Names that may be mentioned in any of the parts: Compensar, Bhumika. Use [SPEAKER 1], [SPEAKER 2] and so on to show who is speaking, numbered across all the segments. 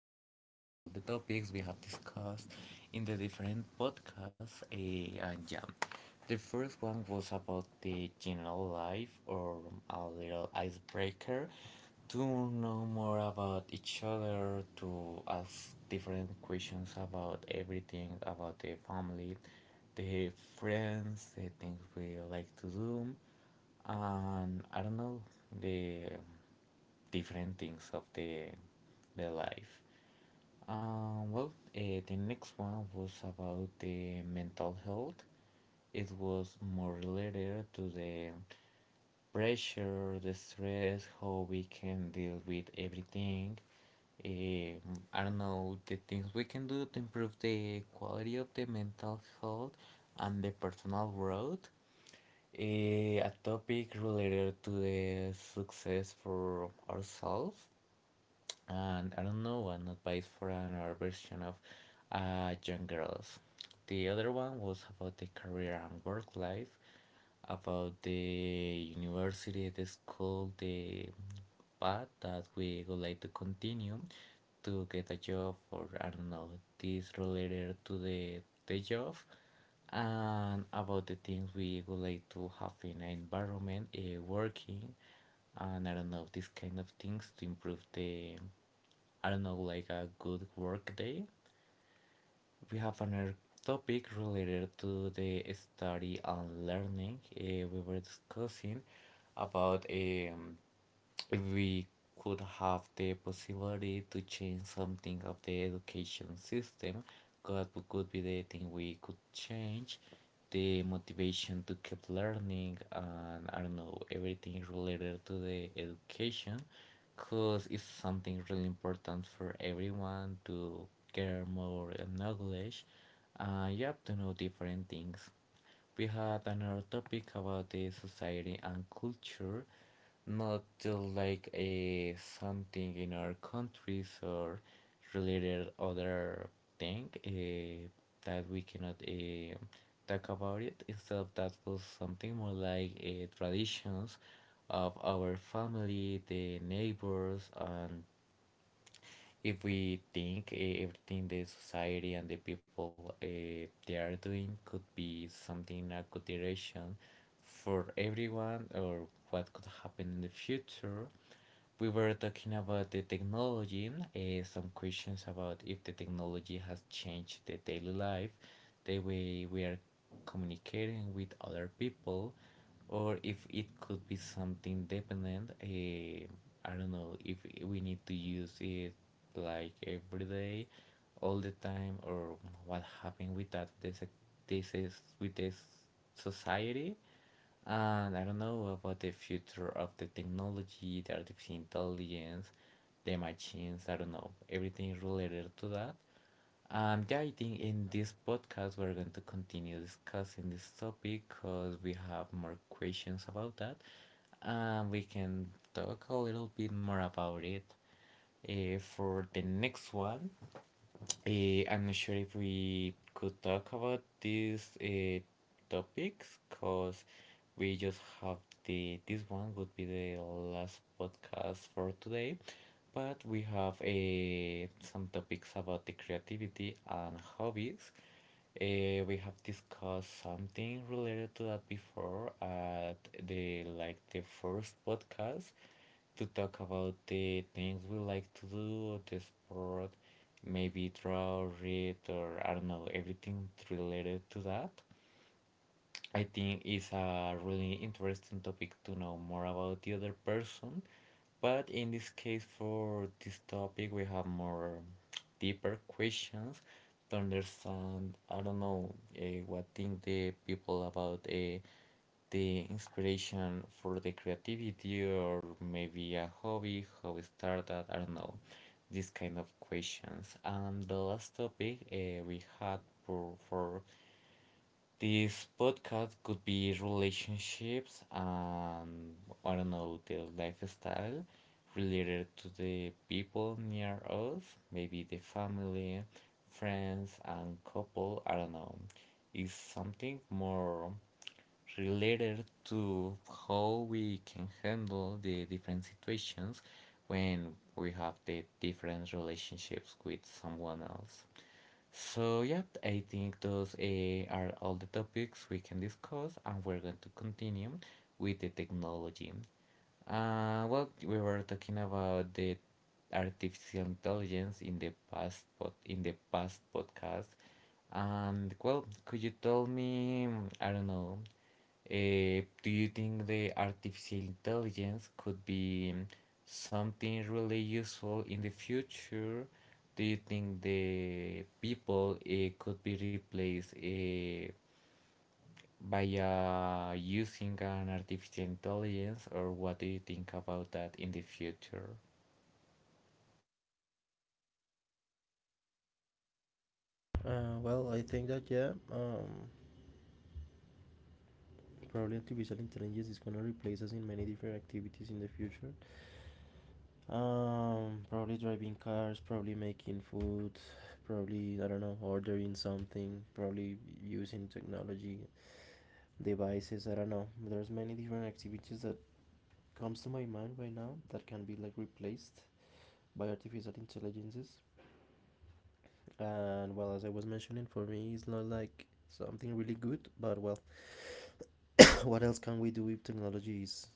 [SPEAKER 1] description about all the topics we have discussed in the different podcasts. And yeah, the first one was about the general life or a little icebreaker to know more about each other, to ask different questions about everything, about the family, the friends, the things we like to do, and I don't know, the different things of the life. The next one was about the mental health. It was more related to the pressure, the stress, how we can deal with everything. Um, I don't know the things we can do to improve the quality of the mental health and the personal growth. A topic related to the success for ourselves and I don't know, one advice for another version of young girls. The other one was about the career and work life, about the university, the school, the path that we would like to continue to get a job, or I don't know, this related to the job, and about the things we would like to have in an environment, working, and I don't know, these kind of things to improve the I don't know, like a good work day. We have another topic related to the study and learning. We were discussing about we could have the possibility to change something of the education system that could be the thing we could change the motivation to keep learning, and I don't know, everything related to the education because it's something really important for everyone to get more knowledge, and you have to know different things. We had another topic about the society and culture, not like a something in our countries or related other thing that we cannot talk about it. Instead, of that was something more like traditions of our family, the neighbors, and if we think, everything the society and the people they are doing could be something a good direction for everyone or what could happen in the future. We were talking about the technology, some questions about if the technology has changed the daily life, the way we are communicating with other people, or if it could be something dependent, I don't know if we need to use it like every day all the time, or what happened with that, this is with this society, and I don't know about the future of the technology, the artificial intelligence, the machines, I don't know, everything related to that. Yeah, I think in this podcast we're going to continue discussing this topic because we have more questions about that. We can talk a little bit more about it. For the next one, I'm not sure if we could talk about these topics because we just have the this one would be the last podcast for today, but we have some topics about the creativity and hobbies. We have discussed something related to that before at the like the first podcast, to talk about the things we like to do, the sport, maybe draw, read, or I don't know, everything related to that. I think it's a really interesting topic to know more about the other person. But in this case, for this topic, we have more deeper questions to understand. I don't know what think the people about the inspiration for the creativity, or maybe a hobby, how it started. I don't know these kind of questions. And the last topic we had for this podcast could be relationships and I don't know the lifestyle related to the people near us, maybe the family, friends, and couple. I don't know. It's something more related to how we can handle the different situations when we have the different relationships with someone else. So, yep, I think those are all the topics we can discuss, and we're going to continue with the technology. We were talking about the artificial intelligence in the past, in the past podcast, and well, could you tell me? I don't know. Do you think the artificial intelligence could be something really useful in the future? Do you think the people could be replaced by using an artificial intelligence, or what do you think about that in the future?
[SPEAKER 2] Well, I think that yeah, probably artificial intelligence is gonna replace us in many different activities in the future. Probably driving cars, probably making food, probably I don't know, ordering something, probably using technology devices. I don't know. There's many different activities that comes to my mind right now that can be like replaced by artificial intelligences. And well, as I was mentioning, for me, it's not like something really good, but well, what else can we do if technology is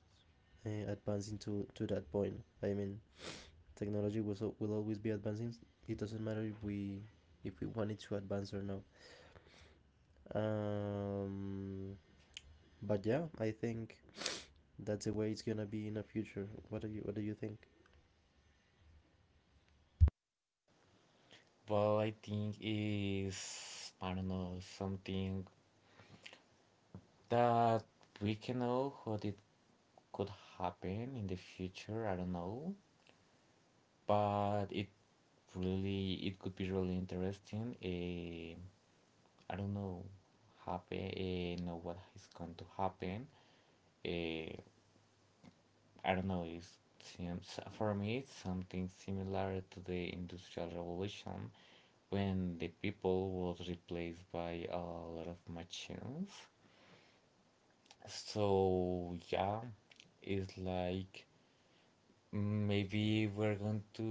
[SPEAKER 2] advancing to that point. I mean, technology will will always be advancing. It doesn't matter if we want it to advance or not. Um, but yeah, I think that's the way it's gonna be in the future. What do you think?
[SPEAKER 1] Well, I think is, I don't know, something that we can know what it could happen in the future, I don't know, but it really, it could be really interesting. I don't know, happen, know what is going to happen. eh, I don't know, it seems for me it's something similar to the Industrial Revolution when the people was replaced by a lot of machines. So yeah, it's like maybe we're going to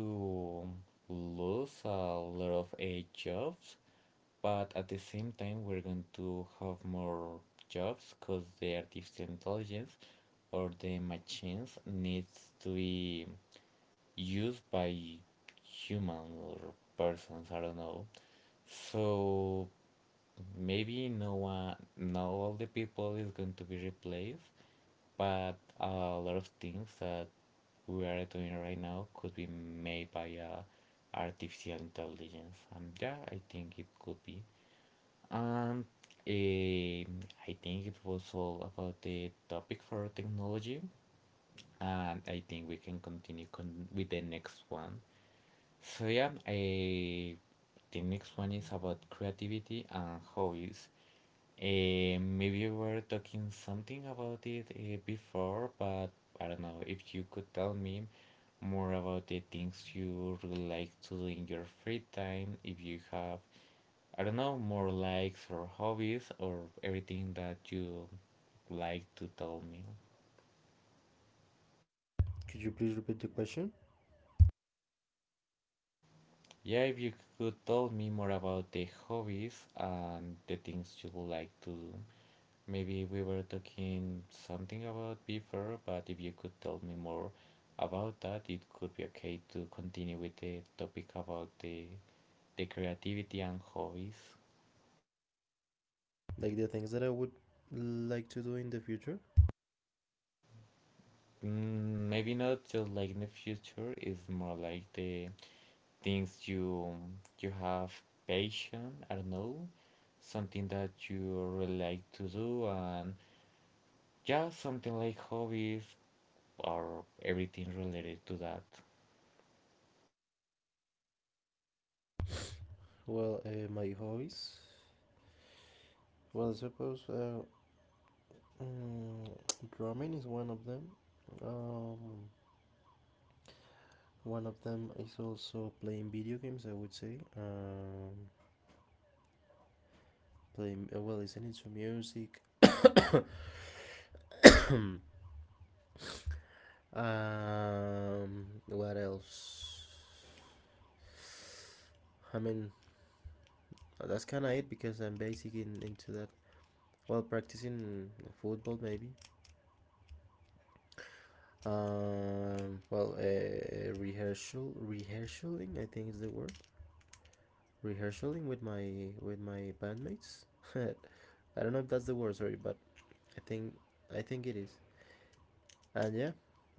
[SPEAKER 1] lose a lot of a jobs, but at the same time we're going to have more jobs because the artificial intelligence or the machines needs to be used by human or persons, I don't know. So maybe no one, not all the people is going to be replaced, but a lot of things that we are doing right now could be made by artificial intelligence. And yeah, I think it could be um eh, I think it was all about the topic for technology, and I think we can continue with the next one. So yeah, the next one is about creativity and hobbies. Maybe we were talking something about it before, but I don't know if you could tell me more about the things you really like to do in your free time. If you have, I don't know, more likes or hobbies or everything that you like to tell me.
[SPEAKER 2] Could you please repeat the question?
[SPEAKER 1] Yeah, if you could tell me more about the hobbies and the things you would like to do. Maybe we were talking something about before, but if you could tell me more about that, it could be okay to continue with the topic about the creativity and hobbies.
[SPEAKER 2] Like the things that I would like to do in the future.
[SPEAKER 1] Mm, maybe not just like in the future, it's more like the things you have passion, I don't know, something that you really like to do, and yeah, something like hobbies or everything related to that.
[SPEAKER 2] Well, my hobbies. Well, I suppose mm, drumming is one of them. Um, One of them is also playing video games, I would say. Playing, well, listening to music. What else? That's kind of it because I'm basic in, into that. Well, practicing football maybe. Well, rehearsal, rehearsaling, I think is the word. Rehearsaling with my bandmates. I don't know if that's the word, sorry, but I think I think it is. And yeah,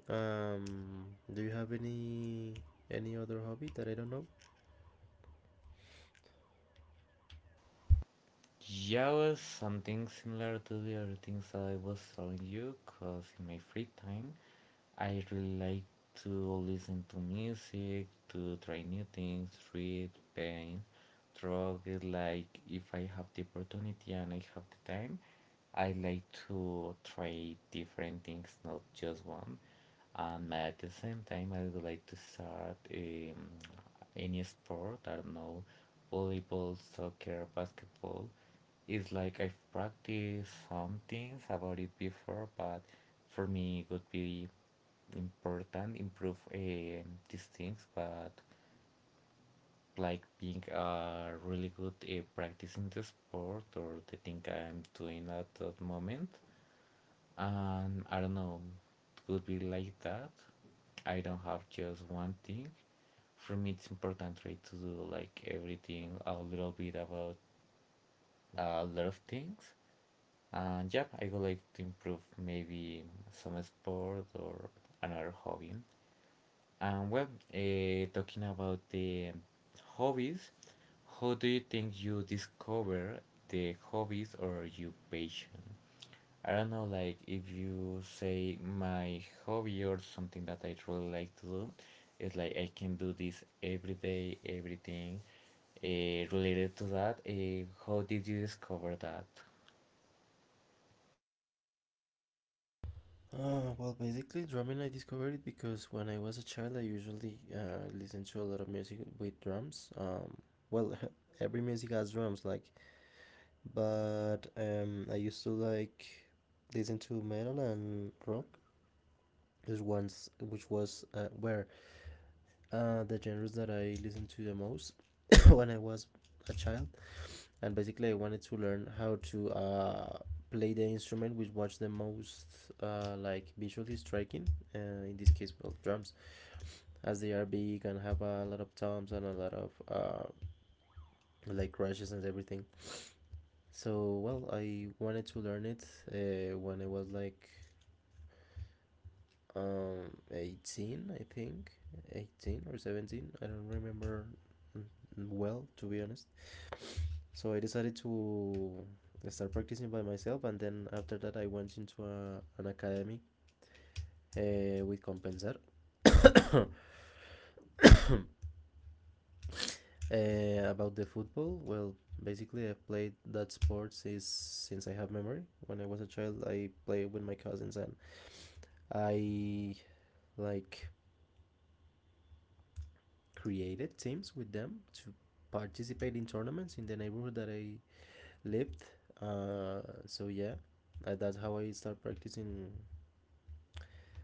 [SPEAKER 2] Um, do you have any other hobby that I don't know?
[SPEAKER 1] Yeah, was something similar to the other things I was telling you, cause in my free time, I really like to listen to music, to try new things, read, paint, draw. It's like if I have the opportunity and I have the time, I like to try different things, not just one. And at the same time, I would like to start, any sport, I don't know, volleyball, soccer, basketball. It's like I've practiced some things about it before, but for me it would be important improve these things, but like being really good at practicing the sport or the thing I'm doing at that moment. I don't know, could be like that. I don't have just one thing. For me, it's important to try to do like everything a little bit about a lot of things. And yeah, I would like to improve maybe some sport or another hobby. And well, talking about the hobbies, how do you think you discover the hobbies or your passion? I don't know, like if you say my hobby or something that I really like to do, it's like I can do this every day, everything related to that. How did you discover that?
[SPEAKER 2] Well, basically, drumming I discovered it because when I was a child, I usually listened to a lot of music with drums. Well, every music has drums, like, but I used to like listen to metal and rock. Is ones which was were the genres that I listened to the most when I was a child. And basically I wanted to learn how to play the instrument which was the most like visually striking uh, in this case well drums as they are big and have a lot of toms and a lot of like crashes and everything, so well I wanted to learn it when I was like 18 I think, 18 or 17 I don't remember well to be honest. So I decided to start practicing by myself, and then after that, I went into an academy with Compensar. About the football, well, basically, I played that sport since I have memory. When I was a child, I played with my cousins, and I like created teams with them to participate in tournaments in the neighborhood that I lived. Uh, so yeah, that's how I start practicing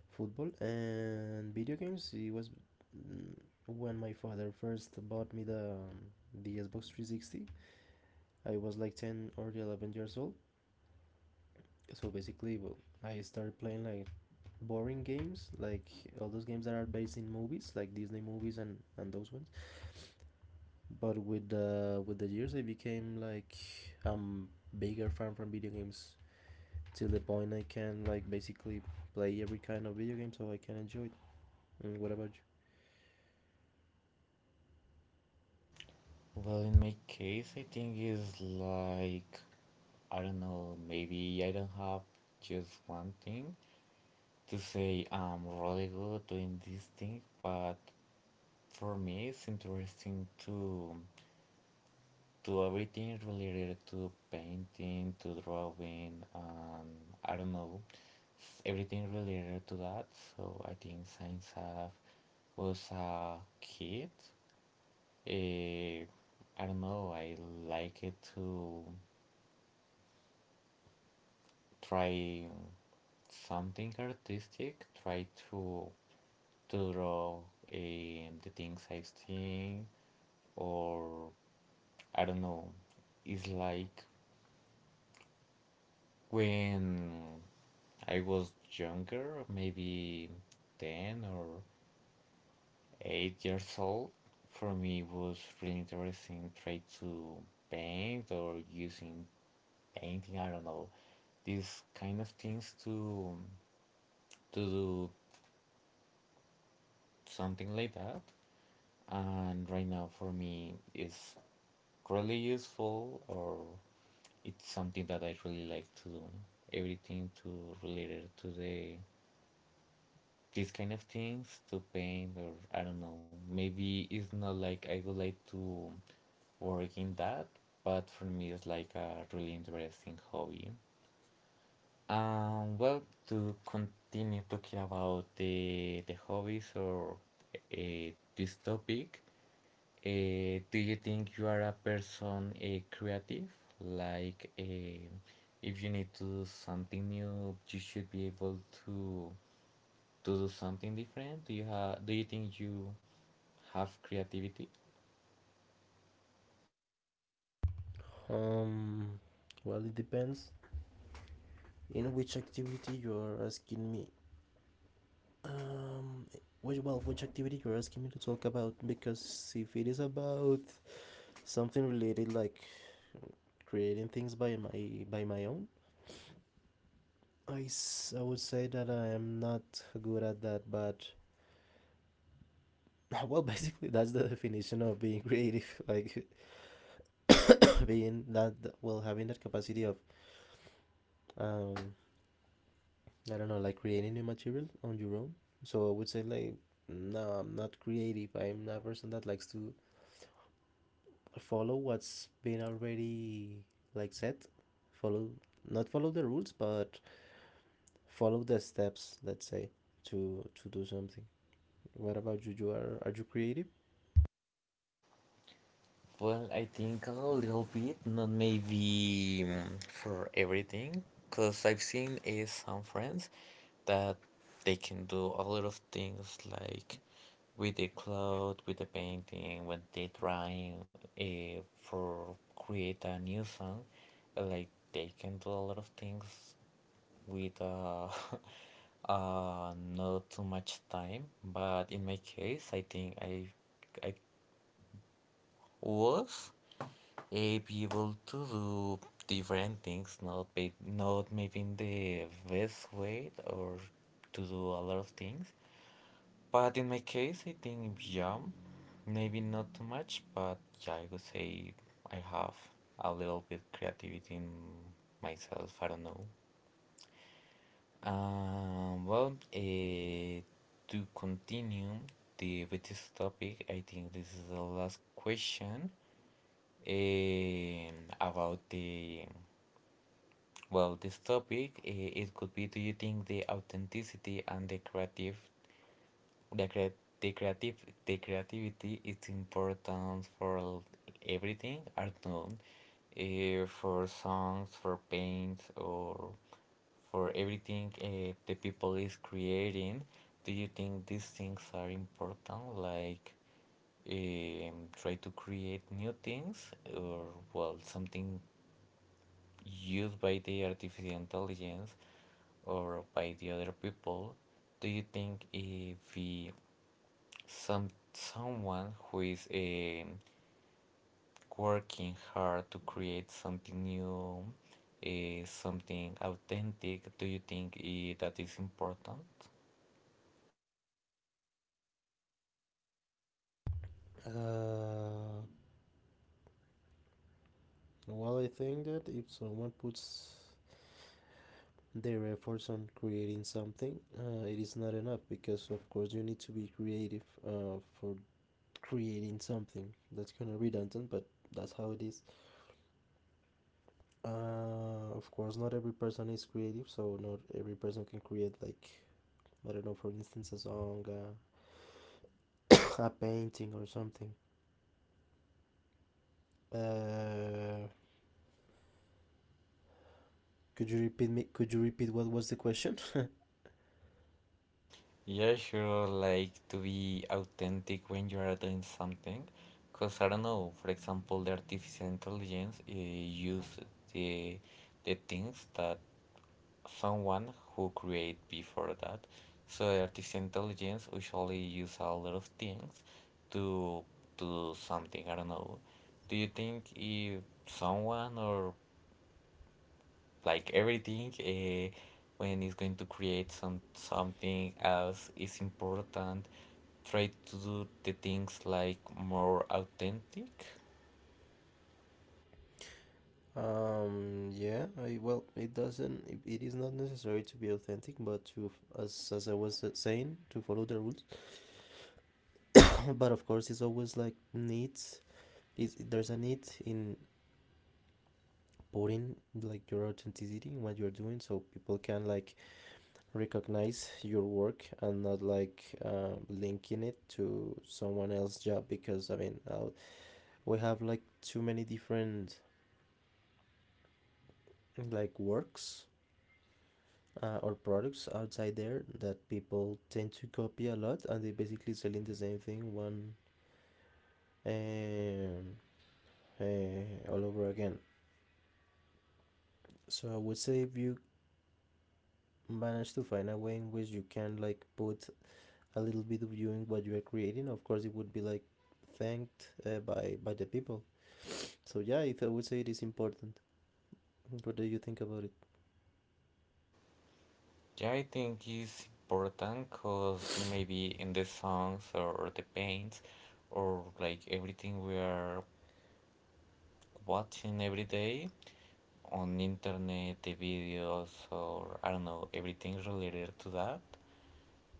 [SPEAKER 2] football. And video games, it was mm, when my father first bought me the Xbox 360. I was like 10 or 11 years old, so basically well I started playing like boring games, like all those games that are based in movies like Disney movies and those ones. But with the years I became like um bigger fan from video games, till the point I can like basically play every kind of video game so I can enjoy it. Mm, what about—
[SPEAKER 1] Well, in my case, I think it's like, I don't know, maybe I don't have just one thing to say I'm really good doing this thing, but for me, it's interesting to everything related to painting, to drawing, I don't know, everything related to that. So I think science have was a kid. Eh, I don't know, I like it to try something artistic, try to draw, the things I've seen, or I don't know, it's like when I was younger, maybe 10 or 8 years old, for me it was really interesting trying to paint or using painting, I don't know, these kind of things to do something like that. And right now for me it's really useful, or it's something that I really like to do. Everything to related to the these kind of things to paint, or I don't know. Maybe it's not like I would like to work in that, but for me it's like a really interesting hobby. Um, well, to continue talking about the hobbies or this topic, do you think you are a person creative? Like, if you need to do something new, you should be able to to do something different? Do you think you have creativity?
[SPEAKER 2] Um, well, it depends in which activity you are asking me. Um, which, well, which activity you're asking me to talk about? Because if it is about something related like creating things by my own, I would say that I am not good at that. But well, basically that's the definition of being creative, like being that, well, having that capacity of um I don't know, like creating new material on your own. So I would say like, no, I'm not creative. I'm not a person that likes to follow what's been already like set. Follow not follow the rules, but follow the steps. Let's say to do something. What about you? Are you creative?
[SPEAKER 1] Well, I think a little bit, not maybe for everything, because I've seen some friends that they can do a lot of things like with the cloth, with the painting, when they trying for create a new song, like they can do a lot of things with not too much time. But in my case, I think I was able to do different things, not be, not maybe in the best way or to do a lot of things. But in my case, I think yeah, maybe not too much, but yeah, I would say I have a little bit creativity in myself. I don't know. Um, well, uh, to continue the, with this topic, I think this is the last question um, about the well, this topic. It could be: do you think the authenticity and the creative the, the creative the creativity is important for everything art known for songs for paints or for everything the people is creating, do you think these things are important like try to create new things or well something used by the artificial intelligence or by the other people, do you think if we someone who is working hard to create something new, something authentic, do you think that is important?
[SPEAKER 2] Uh, well, I think that if someone puts their efforts on creating something, it is not enough because, of course, you need to be creative for creating something. That's kind of redundant, but that's how it is. Of course not every person is creative, so not every person can create, like, I don't know, for instance a song, a painting or something. uh, could you repeat me, could you repeat what was the question?
[SPEAKER 1] Yeah, sure, like to be authentic when you are doing something. Because I don't know, for example, the artificial intelligence use the, the things that someone who create before that, so artificial intelligence usually use a lot of things to do something, I don't know, do you think if someone or like everything when it's going to create some something else is important try to do the things like more authentic.
[SPEAKER 2] Yeah, I, well it doesn't, it is not necessary to be authentic but to, as I was saying, to follow the rules. But of course it's always like needs— Is there's a need in putting like your authenticity in what you're doing, so people can like recognize your work and not like linking it to someone else's job, because I mean we have like too many different like works or products outside there that people tend to copy a lot, and they basically selling the same thing, one, um, all over again. So I would say, if you manage to find a way in which you can like put a little bit of you and what you are creating, of course it would be like thanked by the people. So yeah, it, I would say it is important. What do you think about it?
[SPEAKER 1] Yeah, I think it's important because maybe in the songs or the paints or like everything we are watching every day on internet, the videos or I don't know, everything related to that.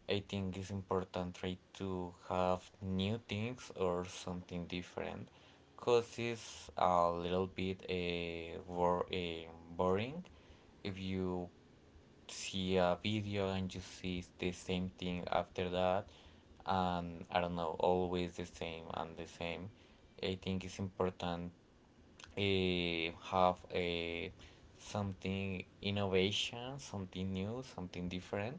[SPEAKER 1] I think it's important try to have new things or something different because it's a little bit a boring if you see a video and you see the same thing after that, and I don't know always the same and the same. I think it's important have a something innovation, something new, something different.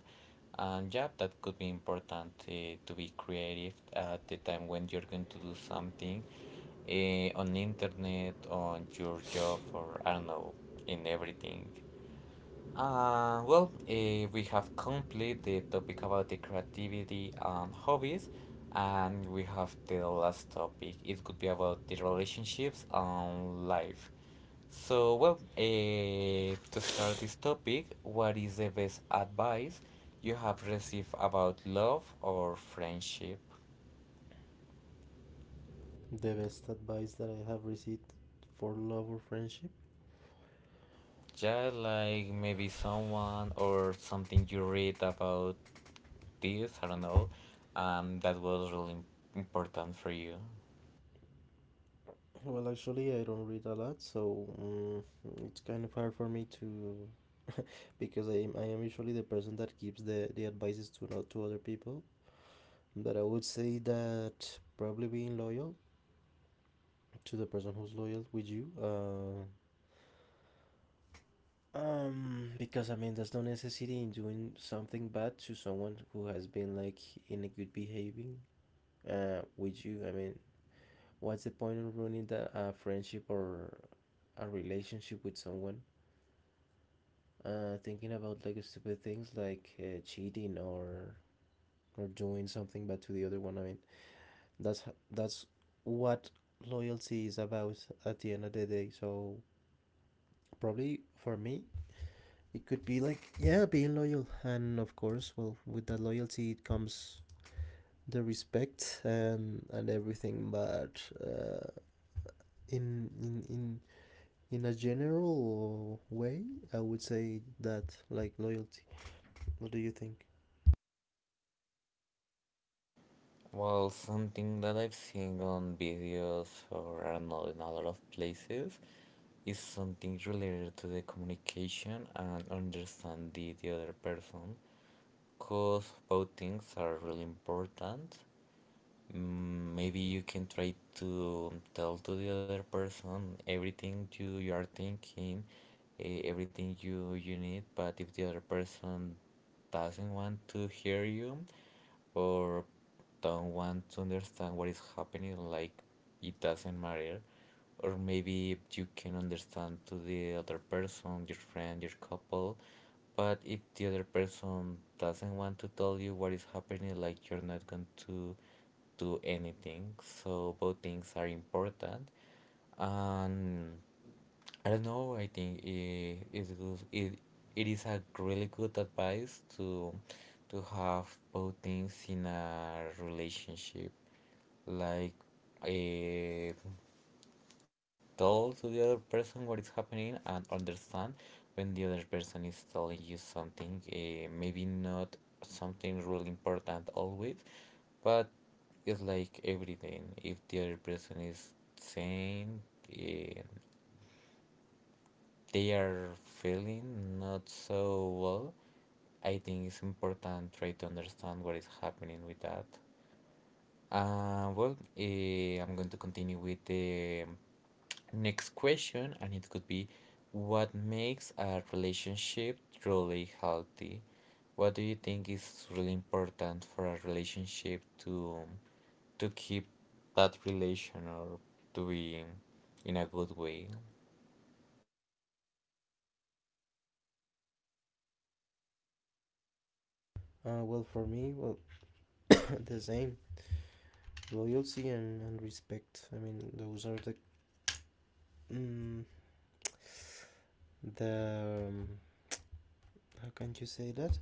[SPEAKER 1] And yeah, that could be important to be creative at the time when you're going to do something on internet, on your job, or I don't know, in everything. We have complete the topic about the creativity and hobbies, and we have the last topic. It could be about the relationships and life. So, well, to start this topic, what is the best advice you have received about love or friendship?
[SPEAKER 2] The best advice that I have received for love or friendship?
[SPEAKER 1] Yeah, like maybe someone or something you read about this, I don't know, that was really important for you.
[SPEAKER 2] Well, actually, I don't read a lot, so it's kind of hard for me to, because I am usually the person that gives the advices to— not to other people. But I would say that probably being loyal to the person who's loyal with you. Because I mean, there's no necessity in doing something bad to someone who has been like in a good behaving with you. I mean, what's the point of ruining the friendship or a relationship with someone? Thinking about like stupid things like cheating or doing something bad to the other one. I mean, that's that's what loyalty is about at the end of the day. So probably for me, it could be like yeah, being loyal, and of course well with that loyalty it comes the respect and everything, but in in a general way I would say that like loyalty. What do you think?
[SPEAKER 1] Well, something that I've seen on videos or I don't know in a lot of places is something related to the communication and understand the other person because both things are really important. Maybe you can try to tell to the other person everything you, you are thinking, everything you, you need, but if the other person doesn't want to hear you, or don't want to understand what is happening, like it doesn't matter. Or maybe you can understand to the other person, your friend, your couple, but if the other person doesn't want to tell you what is happening, like you're not going to do anything. So both things are important. And I don't know. I think it is good. It is a really good advice to have both things in a relationship. Like, eh, tell to the other person what is happening and understand when the other person is telling you something. Maybe not something really important always, but it's like everything. If the other person is saying. Uh, they are feeling not so well, I think it's important try to understand what is happening with that. I'm going to continue with the next question, and it could be, what makes a relationship truly healthy? What do you think is really important for a relationship to keep that relation or to be in a good way?
[SPEAKER 2] Uh, well for me, well, the same, loyalty and respect, I mean those are the mm, the how can you say that,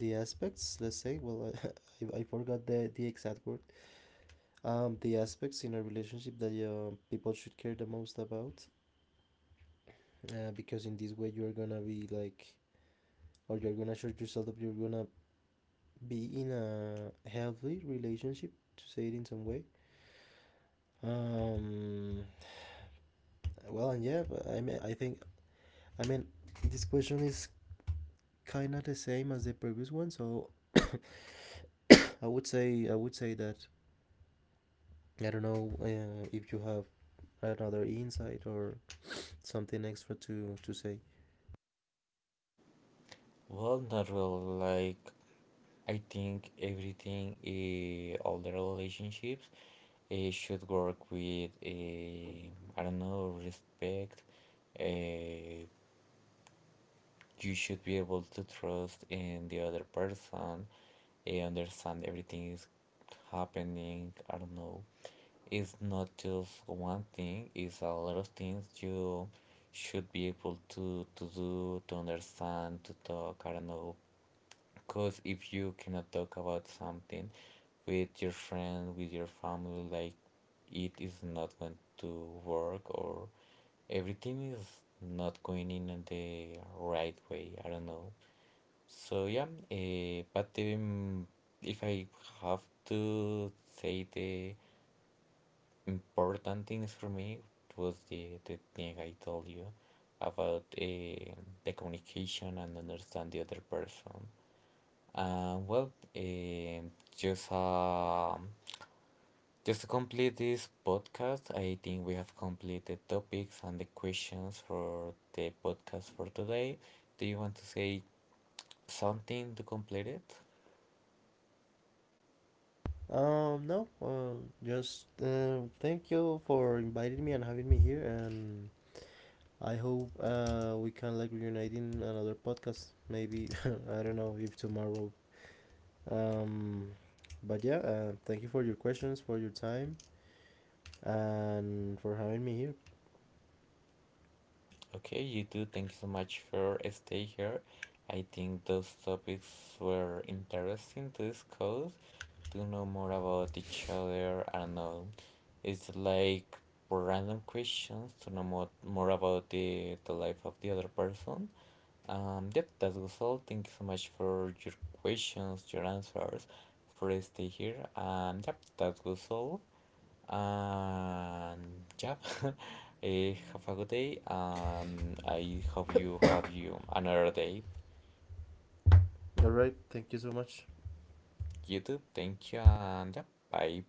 [SPEAKER 2] the aspects, let's say, well, I forgot the exact word. The aspects in a relationship that people should care the most about, because in this way you're gonna be like, or you're gonna assure yourself that you're gonna be in a healthy relationship, to say it in some way. um well, and yeah, but I mean, I think, I mean, this question is kind of the same as the previous one, so I would say that I don't know, if you have another insight or something extra to say.
[SPEAKER 1] Well, the role, like I think everything, all the relationships, should work with, I don't know, respect. Uh, you should be able to trust in the other person. I understand everything is happening. I don't know. It's not just one thing, it's a lot of things you should be able to do, to understand, to talk. I don't know. Because if you cannot talk about something with your friend, with your family, like it is not going to work or everything is not going in the right way. I don't know. So yeah, but if I have to say the important things for me it was the thing I told you about the communication and understand the other person. uh, well, eh, just just to complete this podcast, I think we have completed topics and the questions for the podcast for today. Do you want to say something to complete it?
[SPEAKER 2] No, just thank you for inviting me and having me here, and I hope we can like reunite in another podcast. Maybe I don't know, if tomorrow. Um, but yeah, thank you for your questions, for your time, and for having me here.
[SPEAKER 1] Okay, you too. Thank you so much for stay here. I think those topics were interesting to discuss, to know more about each other. I don't know. It's like random questions to know more, more about the life of the other person. Yep, that was all. Thank you so much for your questions, your answers, for stay here. Yep, that was all. And yeah, have a good day, and I hope you have you another day.
[SPEAKER 2] All right, thank you so much.
[SPEAKER 1] You too. Thank you, and yeah, bye.